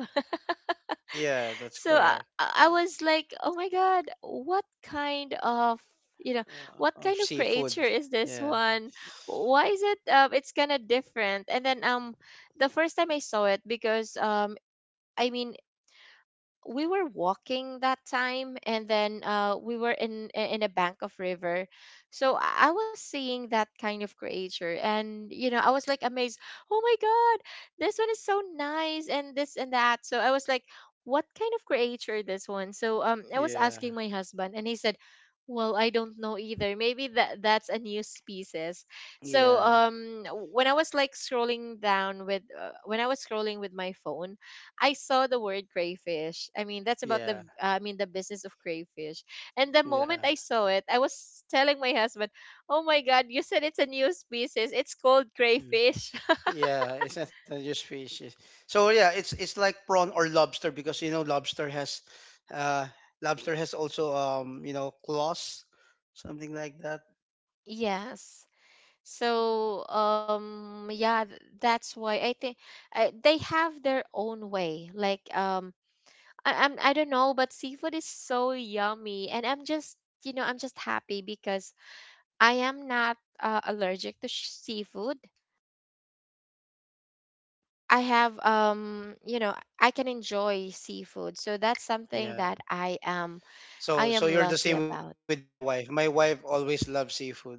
S2: yeah. That's
S1: So I,
S2: correct.
S1: I was like, oh my god, what kind of, you know what kind
S2: Of
S1: of creature
S2: seafood.
S1: is this
S2: Yeah,
S1: one? Why is it, it's kind of different? And then the first time I saw it because, I mean, we were walking that time, and then we were in a bank of river. So I was seeing that kind of creature, and I was like amazed. Oh my god, this one is so nice and this and that. So I was like, what kind of creature this one? So I was asking my
S2: yeah,
S1: husband, and he said, well, I don't know either, maybe that that's a new species. So
S2: yeah,
S1: when I was like scrolling down with, when I was scrolling with my phone, I saw the word crayfish. I mean, that's about the,
S2: yeah,
S1: I mean, the business of crayfish. And the moment I
S2: yeah.
S1: saw it, I was telling my husband, "Oh my god, you said it's a new species. It's called crayfish." *laughs*
S2: Yeah, it's not just fishes. So yeah, it's like prawn or lobster because you know uh lobster has also you know claws, something like that.
S1: Yes. So, yeah, that's why I think they have their own way. Like, I don't know, but seafood is so yummy, and I'm just, I'm just happy because I am not, allergic to seafood. I have, I can enjoy seafood, so that's something that
S2: Yeah.
S1: I am,
S2: So so
S1: lucky
S2: you're the same
S1: about.
S2: with my wife. My wife always loves seafood.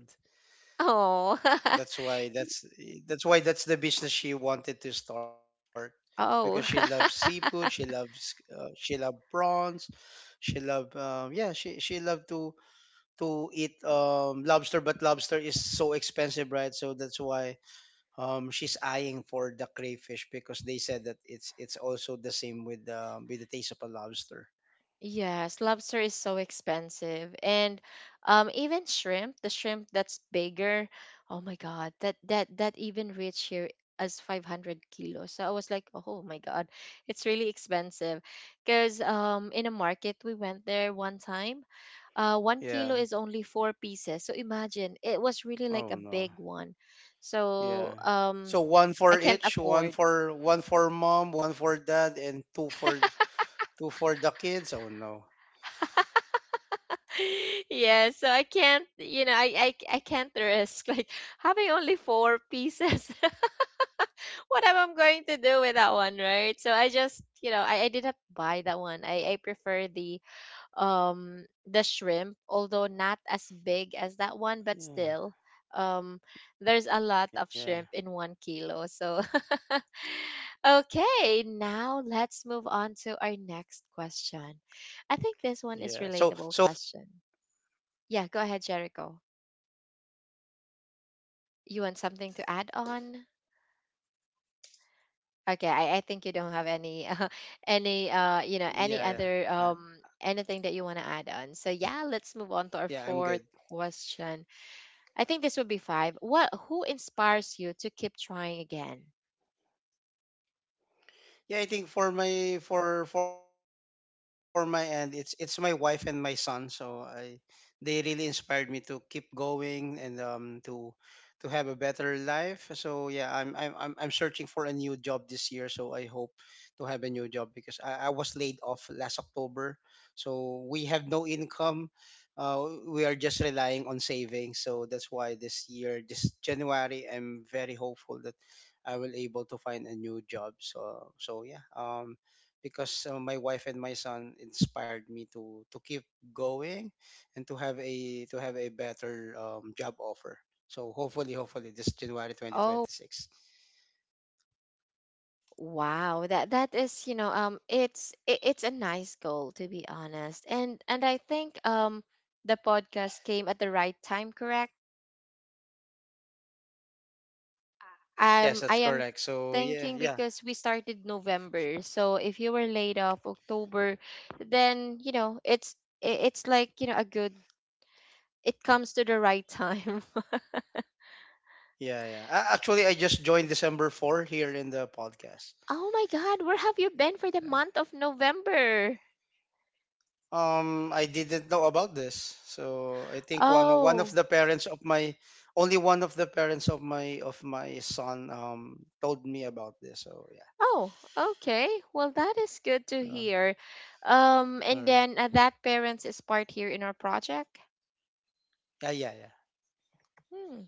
S1: Oh. *laughs*
S2: That's why that's that's why that's the business she wanted to start because she loves
S1: Oh.
S2: seafood,
S1: *laughs*
S2: she loves prawns, she love yeah, she loved to eat lobster, but lobster is so expensive, right? So that's why she's eyeing for the crayfish because they said that it's also the same with the taste of a lobster.
S1: Yes, lobster is so expensive. And even the shrimp that's bigger, oh my God, that even reached here as 500 kilos. So I was like, oh my God, it's really expensive. Because in a market we went there one time, 1 kilo
S2: Yeah.
S1: is only four pieces. So imagine, it was really like a
S2: Oh no.
S1: big one.
S2: Yeah.
S1: So
S2: So one
S1: I
S2: for
S1: can't
S2: each, one
S1: afford.
S2: for, one for mom, one for dad, and two for two for the kids. Oh no.
S1: *laughs* Yeah, so I can't, I can't risk *laughs* like having only four pieces. *laughs* What am I going to do with that one, right? So I just, I didn't buy that one. I prefer the, shrimp, although not as big as that one,
S2: Yeah.
S1: but still, um,
S2: Yeah.
S1: there's a lot of shrimp in 1 kilo. So, *laughs*
S2: Yeah. So
S1: okay,
S2: so when
S1: now
S2: you say
S1: let's move on
S2: 500
S1: to our
S2: kilo,
S1: next question. I think this one is relatable question. Yeah, go ahead, Jericho. You want something to add on? Okay, I think you don't have any *laughs* any any
S2: yeah,
S1: other
S2: yeah.
S1: anything that you want to add on. So yeah, let's move on to our
S2: Yeah,
S1: fourth
S2: I'm good.
S1: question. I think this would be five. What Who inspires you to keep trying again?
S2: Yeah, I think for my end, it's my wife and my son. So I, they really inspired me to keep going and to have a better life. So yeah, I'm searching for a new job this year. So I hope to have a new job because I was laid off last October. So we have no income. We are just relying on savings. So that's why this year, this January, I'm very hopeful that I will able to find a new job. So so yeah, because my wife and my son inspired me to keep going and to have a better job offer. So hopefully, hopefully this January
S1: Oh
S2: 2026.
S1: wow, that is, it's a nice goal to be honest, and I think the podcast came at the right time, correct? I
S2: Yes, that's
S1: am
S2: correct. So
S1: thinking
S2: yeah, yeah,
S1: because we started November. So if you were laid off October, then, it's, it's like, a good. It comes to the right time. *laughs*
S2: yeah, yeah. Actually, I just joined December 4 here in the podcast.
S1: Oh my God, where have you been for the month of November?
S2: I didn't know about this. So I think one
S1: Oh,
S2: of the parents of my, only one of the parents of my son told me about this. So yeah.
S1: oh, okay. Well, that is good to
S2: Uh,
S1: hear. And
S2: all
S1: then
S2: right.
S1: that parents is part here in our project.
S2: Yeah, yeah, yeah.
S1: Hmm.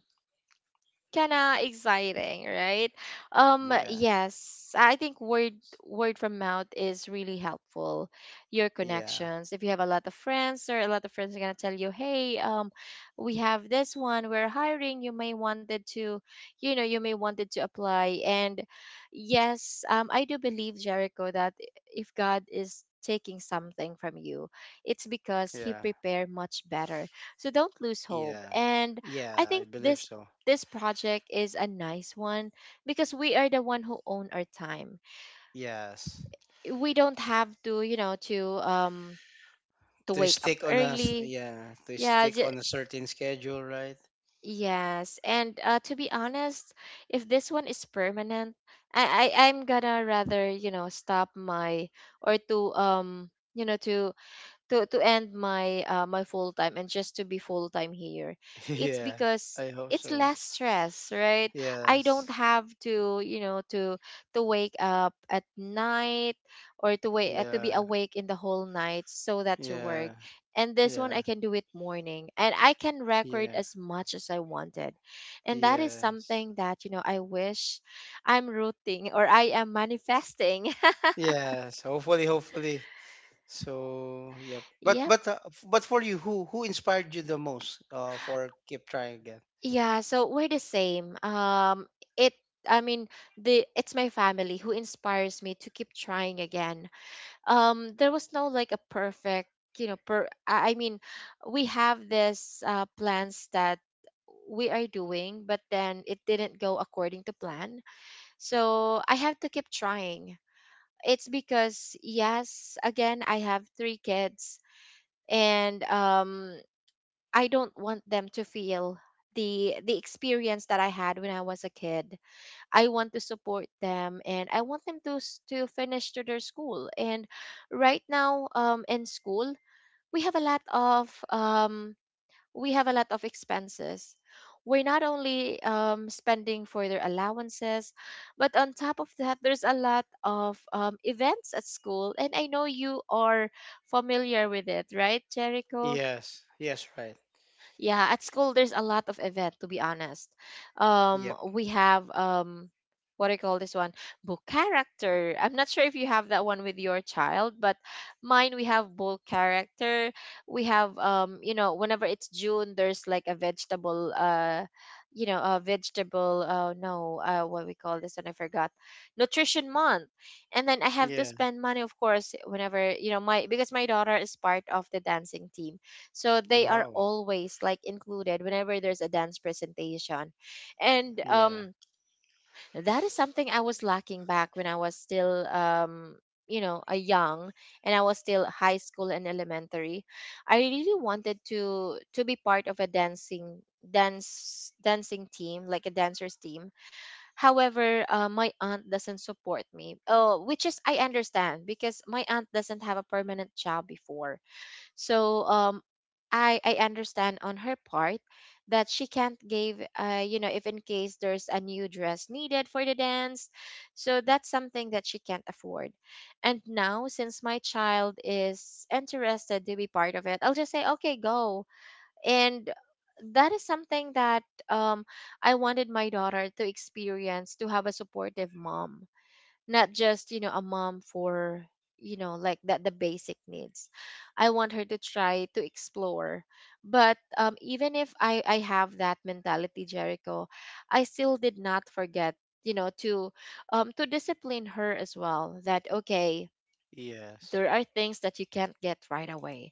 S1: Kinda exciting, right?
S2: Yeah.
S1: Yes, I think word from mouth is really helpful. Your connections.
S2: Yeah.
S1: If you have a lot of friends, or a lot of friends are gonna tell you, hey, we have this one, we're hiring, you may wanted to, you know, you may wanted to apply. And yes, I do believe, Jericho, that if God is taking something from you, it's because he
S2: Yeah.
S1: prepared much better. So don't lose hope.
S2: Yeah.
S1: And I
S2: Yeah,
S1: think
S2: I believe so.
S1: this project is a nice one because we are the one who own our time.
S2: Yes.
S1: We don't have to, to
S2: To
S1: wake up
S2: stick on a
S1: early.
S2: yeah, to
S1: Yeah,
S2: stick on a certain schedule, right?
S1: yes. And, to be honest, if this one is permanent, I'm gonna rather, stop my, or to you know to end my full time, and just to be full time here.
S2: *laughs*
S1: It's
S2: Yeah.
S1: because
S2: I hope
S1: it's
S2: so.
S1: less stress, right? I
S2: Yes.
S1: don't have to, wake up at night, or to be
S2: Yeah.
S1: awake in the whole night so that to work.
S2: Yeah.
S1: And this one I
S2: Yeah.
S1: can do it morning, and I can
S2: Yeah.
S1: record as much as I wanted. And that is
S2: Yes.
S1: something that, I wish, I'm rooting, or I am manifesting.
S2: Yes. Hopefully, hopefully. So, yep. But
S1: *laughs*
S2: but for you, who inspired you the most for keep trying again?
S1: Yeah, so we're the same. It, I mean, the it's my family who inspires me to keep trying again. There was no like a perfect, you know, per. I mean, we have this plans that we are doing, but then it didn't go according to plan. So I have to keep trying. It's because yes, again, I have three kids, and, I don't want them to feel the experience that I had when I was a kid. I want to support them, and I want them to to finish to their school. And right now in school, we have a lot of, expenses. We're not only, spending for their allowances, but on top of that, there's a lot of, events at school. And I know you are familiar with it, right, Jericho?
S2: Yes. Yes, right.
S1: Yeah, at school there's a lot of event to be honest.
S2: Yep.
S1: We have, what do you call this one? Book character. I'm not sure if you have that one with your child, but mine, we have book character. We have whenever it's June, there's like a vegetable a vegetable no, what we call this one, I forgot. Nutrition month. And then I have
S2: Yeah.
S1: to spend money, of course, whenever, you know my because my daughter is part of the dancing team, so they are
S2: Wow.
S1: always like included whenever there's a dance presentation. And
S2: Yeah.
S1: that is something I was lacking back when I was still, a young, and I was still high school and elementary. I really wanted to be part of a dancing team, like a dancers team. However, my aunt doesn't support me, oh, which is, I understand, because my aunt doesn't have a permanent job before. So I understand on her part that she can't give, if in case there's a new dress needed for the dance. So that's something that she can't afford. And now, since my child is interested to be part of it, I'll just say, okay, go. And that is something that, um I wanted my daughter to experience, to have a supportive mom, not just, a mom for, like that the basic needs. I want her to try to explore. But, even if I have that mentality, Jericho, I still did not forget, to discipline her as well. That okay,
S2: Yes.
S1: there are things that you can't get right away.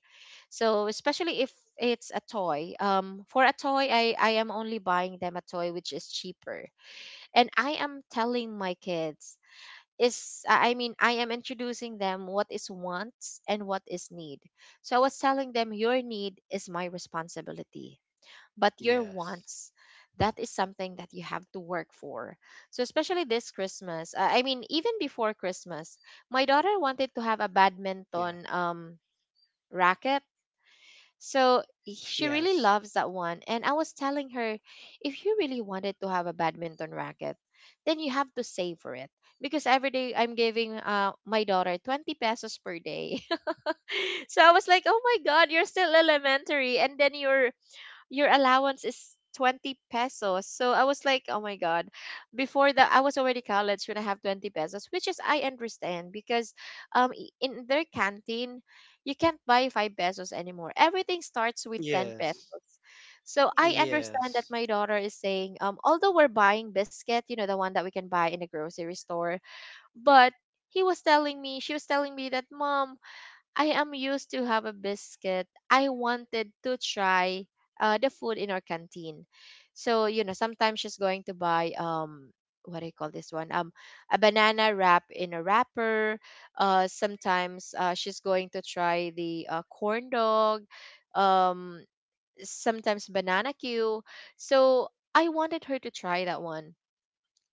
S1: So especially if it's a toy, for a toy, I am only buying them a toy which is cheaper. And I am telling my kids, is I mean I am introducing them what is wants and what is need. So I was telling them, your need is my responsibility, but your
S2: Yes.
S1: wants, that is something that you have to work for. So especially this Christmas, I mean, even before Christmas, my daughter wanted to have a
S2: Yeah.
S1: badminton, racket, so
S2: Yes.
S1: she really loves that one. And I was telling her, if you really wanted to have a badminton racket, then you have to save for it. Because every day I'm giving, my daughter 20 pesos per day. *laughs* So I was like, oh my God, you're still elementary. And then, you're your allowance is 20 pesos. So I was like, oh my God. Before that, I was already college when I have 20 pesos, which is I understand because in their canteen, you can't buy 5 pesos anymore. Everything starts with 10
S2: Yes.
S1: pesos. So I
S2: Yes.
S1: understand that my daughter is saying, although we're buying biscuit, you know, the one that we can buy in the grocery store, but he was telling me, she was telling me that, "Mom, I am used to have a biscuit. I wanted to try the food in our canteen." So, you know, sometimes she's going to buy what do you call this one? A banana wrap in a wrapper. Sometimes she's going to try the corn dog. Um Sometimes banana cue. So, I wanted her to try that one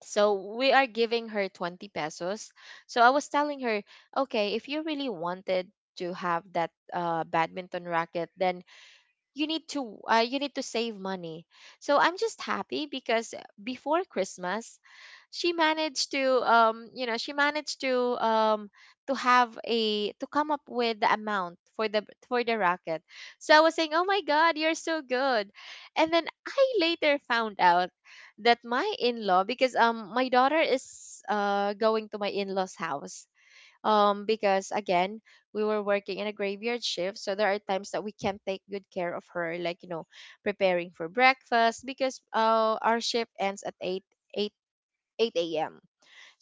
S1: so we are giving her 20 pesos. So I was telling her, okay, if you really wanted to have that badminton racket, then you need to save money. So I'm just happy because before Christmas she managed to you know, she managed to have a to come up with the amount for the racket. So I was saying, "Oh my God, you're so good." And then I later found out that my in-law, because my daughter is going to my in-law's house, because again we were working in a graveyard shift, so there are times that we can't take good care of her, like, you know, preparing for breakfast because our shift ends at 8, 8 a.m.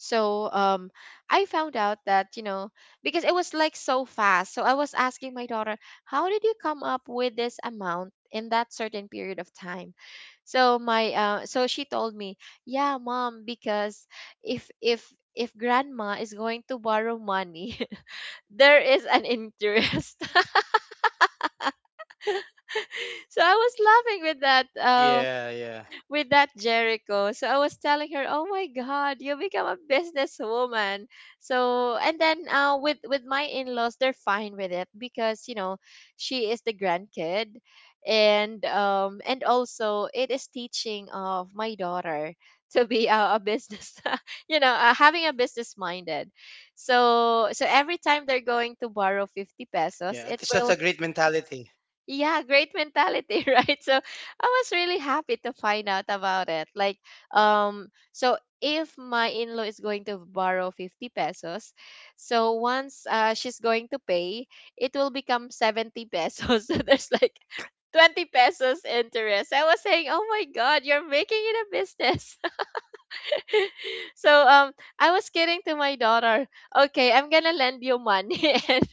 S1: So I found out that, you know, because it was like so fast. So I was asking my daughter, "How did you come up with this amount in that certain period of time?" So my so she told me, "Yeah, mom, because if if if grandma is going to borrow money *laughs* there is an interest." *laughs* So I was laughing
S2: Yeah, yeah.
S1: with that Jericho. So I was telling her, "Oh my God, you become a businesswoman." So and then with my in-laws, they're fine with it because, you know, she is the grandkid, and also it is teaching of my daughter to be a business, *laughs* you know, having a business minded. So so every time they're
S2: Yeah. At
S1: going to
S2: least that's a
S1: borrow
S2: great
S1: 50
S2: mentality.
S1: pesos, it will, yeah, great mentality, *laughs* right? So I was really happy to find out about it. Like, so if my in-law is going to borrow 50 pesos, so once she's going to pay, it will become 70 pesos. *laughs* So there's like 20 pesos interest. I was saying, "Oh my God, you're making it a business." *laughs* So I was kidding to my daughter, "Okay, I'm gonna lend you money." *laughs* And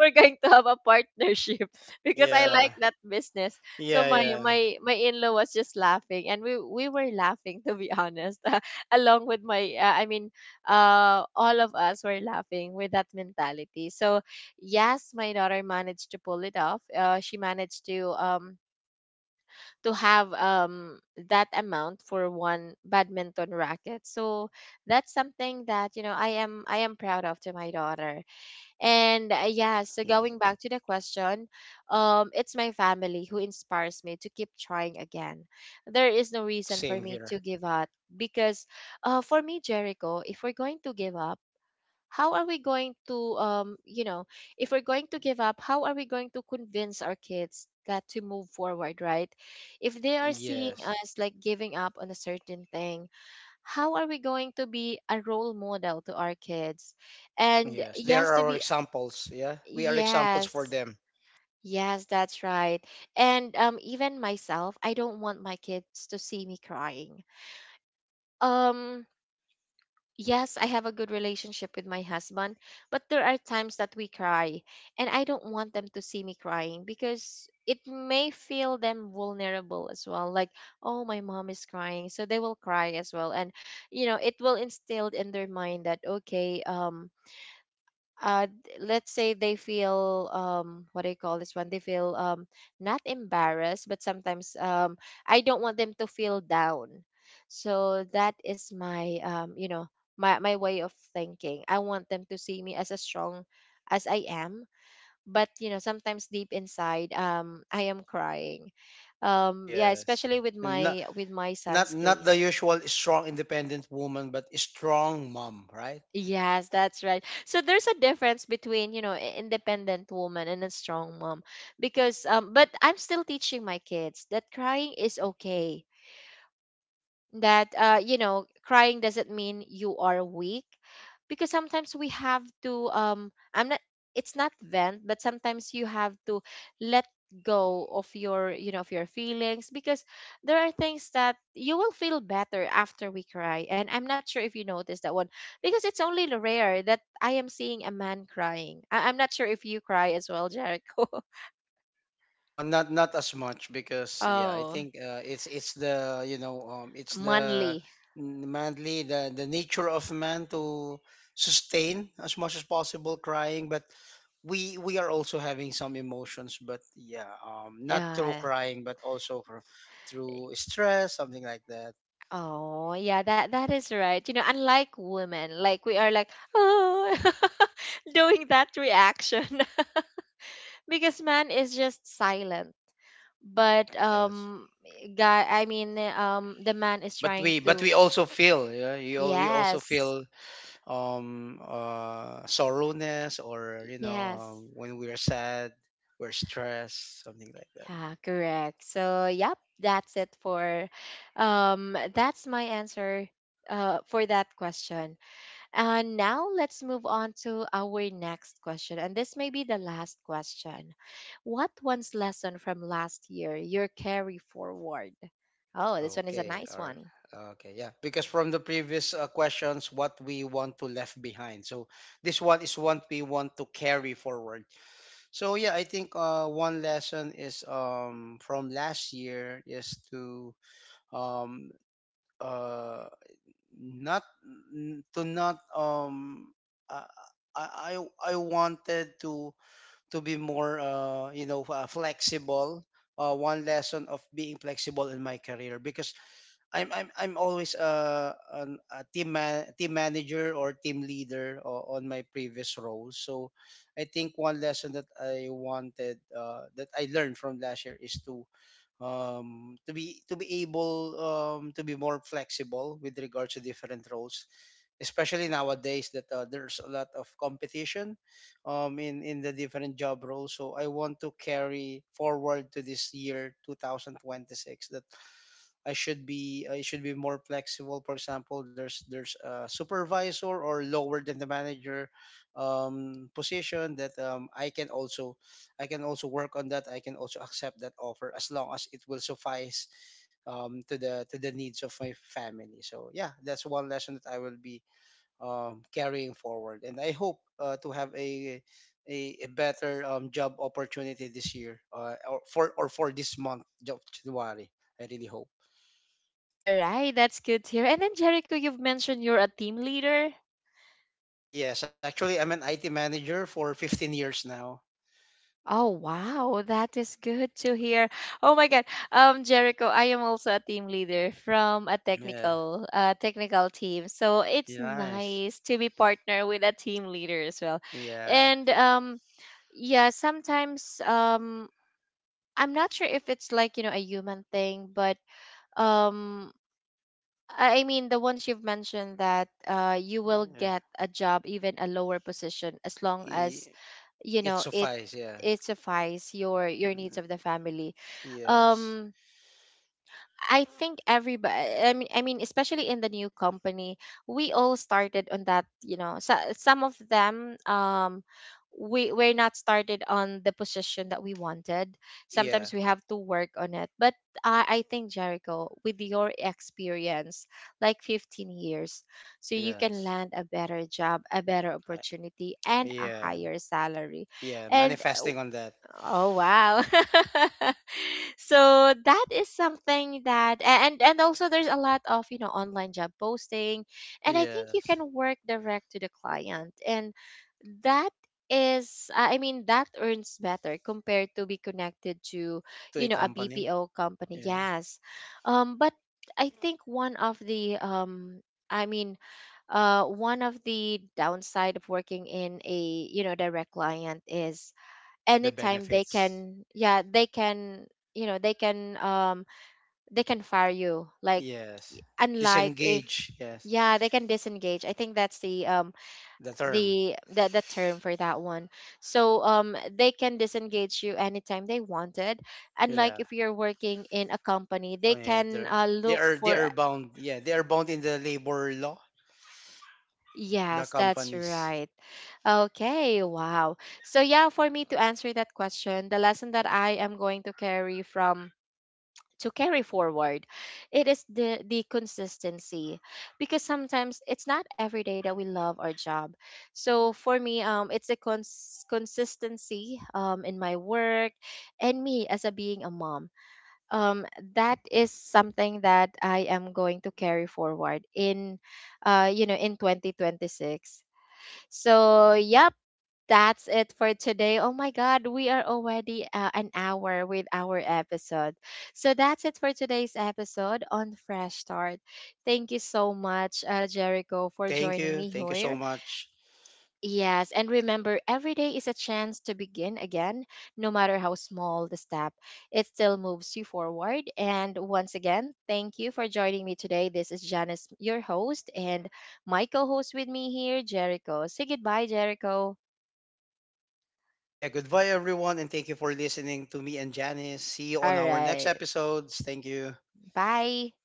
S1: we're going to have a partnership *laughs*
S2: Yeah.
S1: because I like that
S2: Yeah,
S1: business.
S2: yeah.
S1: So my in-law was just laughing, and we were laughing, to be honest, *laughs* along with my I mean, all of us were laughing with that mentality. So yes, my daughter managed to pull it off. She managed to have that amount for one badminton racket. So that's something that, you know, I am proud of to my daughter. And yeah,
S2: Yeah.
S1: so going back to the question, it's my family who inspires me to keep trying again. There is no
S2: Same
S1: reason for
S2: here.
S1: me to give up because, for me, Jericho, if we're going to give up, how are we going to, you know, if we're going to give up, how are we going to convince our kids that to move forward, right? If they are
S2: Yes.
S1: seeing us like giving up on a certain thing, how are we going to be a role model to our kids? And
S2: Yes, they
S1: yes,
S2: are
S1: to
S2: our
S1: be
S2: examples. Yeah, we are examples for
S1: yes.
S2: them.
S1: Yes, that's right. And even myself, I don't want my kids to see me crying. Um yes, I have a good relationship with my husband, but there are times that we cry, and I don't want them to see me crying because it may feel them vulnerable as well. Like, oh, my mom is crying, so they will cry as well. And, you know, it will instilled in their mind that, okay, uh d- let's say they feel what do you call this one? They feel not embarrassed, but sometimes I don't want them to feel down. So that is my you know, my way of thinking. I want them to see me as strong as I am. But, you know, sometimes deep inside I am crying. Yeah,
S2: Yes,
S1: especially
S2: and not
S1: with my
S2: not
S1: son's
S2: not the
S1: case.
S2: usual strong independent woman, but a strong mom, right?
S1: Yes, that's right. So there's a difference between, you know, independent woman and a strong mom, because but I'm still teaching my kids that crying is okay, that you know, crying doesn't mean you are weak, because sometimes we have to I'm not, it's not vent, but sometimes you have to let go of your, you know, of your feelings because there are things that you will feel better after we cry. And I'm not sure if you noticed that one, because it's only the rare that I am seeing a man crying. I'm not sure if you cry as well, Jericho. *laughs*
S2: Not not as much because yeah, I
S1: Oh,
S2: think it's the you know it's the
S1: manly,
S2: manly the nature of man to sustain as much as possible crying, but we are also having some emotions, but yeah, not through
S1: yeah.
S2: crying, but also for, through stress, something like that.
S1: Oh, yeah, that that is right. You know, unlike women, like we are like, oh, *laughs* doing that reaction *laughs* because man is just silent. But
S2: Yes.
S1: guy, I mean, the man is trying
S2: But
S1: to.
S2: we also feel yeah you we also
S1: Yes,
S2: feel sorrowness or you know
S1: yes,
S2: when we're sad we're stressed, something like that.
S1: yeah, correct. So, yep, that's it for, that's my answer, for that question. And now let's move on to our next question. And this may be the last question. What one's lesson from last year you carry forward? Oh, this one is a
S2: Okay,
S1: nice
S2: or
S1: one.
S2: okay, yeah. Because from the previous questions, what we want to left behind. So this one is what we want to carry forward. So yeah, I think one lesson is from last year is to um uh not to not um uh, I wanted to be more you know flexible. One lesson of being flexible in my career because I'm always a a team man, team manager or team leader on my previous roles. So I think one lesson that I wanted that I learned from last year is to be able to be more flexible with regards to different roles, especially nowadays that there's a lot of competition in the different job roles. So I want to carry forward to this year 2026 that I should be more flexible. For example, there's a supervisor or lower than the manager position that I can also I can also work on that. I can also accept that offer as long as it will suffice to the needs of my family. So yeah, that's one lesson that I will be carrying forward. And I hope to have a a better job opportunity this year or for this month, job January. I really hope.
S1: All right, that's good to hear. And then, Jericho, you've mentioned you're a team leader.
S2: Yes, actually, I'm an IT manager for 15 years now.
S1: Oh wow, that is good to hear. Oh my God, Jericho, I am also a team leader from a
S2: Yeah.
S1: technical, technical team. So it's
S2: Yeah, nice.
S1: nice to be partner with a team leader as well,
S2: Yeah.
S1: and yeah, sometimes I'm not sure if it's like, you know, a human thing, but um. I mean, the ones you've mentioned that you will
S2: Yeah.
S1: get a job, even a lower position, as long as,
S2: I-
S1: you know,
S2: It suffice. Yeah.
S1: it suffice your needs of the
S2: Mm.
S1: family.
S2: Yes.
S1: um I think everybody, I mean especially in the new company, we all started on that, you know, so some of them we're not started on the position that we wanted.
S2: Yeah.
S1: Sometimes we have to work on it, but I think Jericho, with your experience, like 15 years, so you can
S2: Yes.
S1: land a better job, a better
S2: I-
S1: opportunity, and a
S2: Yeah.
S1: higher salary.
S2: Yeah.
S1: And
S2: Manifesting on that.
S1: oh wow. *laughs* So that is something that and also there's a lot of, you know, online job posting, and I think you
S2: Yes.
S1: can work direct to the client, and that is I mean that earns better compared to be connected to,
S2: To a
S1: you know, a
S2: company.
S1: BPO company.
S2: Yeah.
S1: Yes. But I think one of the I mean, one of the downside of working in a, you know, direct client is
S2: The
S1: anytime they
S2: benefits.
S1: can, yeah, they can, you know, they can fire you, like,
S2: Yes.
S1: unlike if,
S2: Disengage. Yes.
S1: yeah, they can disengage. I think that's the
S2: The term.
S1: the term for that one. So they can disengage you anytime they wanted, unlike
S2: Yeah.
S1: if you're working in a company,
S2: Oh,
S1: they
S2: yeah.
S1: can
S2: They're,
S1: look
S2: they
S1: for,
S2: are bound. Yeah, they are bound in the labor law, the
S1: yes, that's
S2: companies.
S1: right. Okay, wow. So yeah, for me to answer that question, the lesson that I am going to carry from to carry forward, it is the consistency, because sometimes it's not every day that we love our job. So for me, it's a consistency in my work, and me as a being a mom. um that is something that I am going to carry forward in, you know, in 2026. So yeah, that's it for today. Oh my God, we are already an hour with our episode. So that's it for today's episode on Fresh
S2: Yeah.
S1: Start. Thank you so much, Jericho, for
S2: Thank
S1: joining
S2: you.
S1: me
S2: Thank you so
S1: here.
S2: much.
S1: Yes, and remember, every day is a chance to begin again, no matter how small the step, it still moves you forward. And once again, thank you for joining me today. This is Janice, your host, and my co host with me here, Jericho. Say goodbye, Jericho.
S2: Yeah, goodbye everyone, and thank you for listening to me and Janice. See you on
S1: All
S2: our next
S1: right.
S2: episodes. Thank you.
S1: Bye.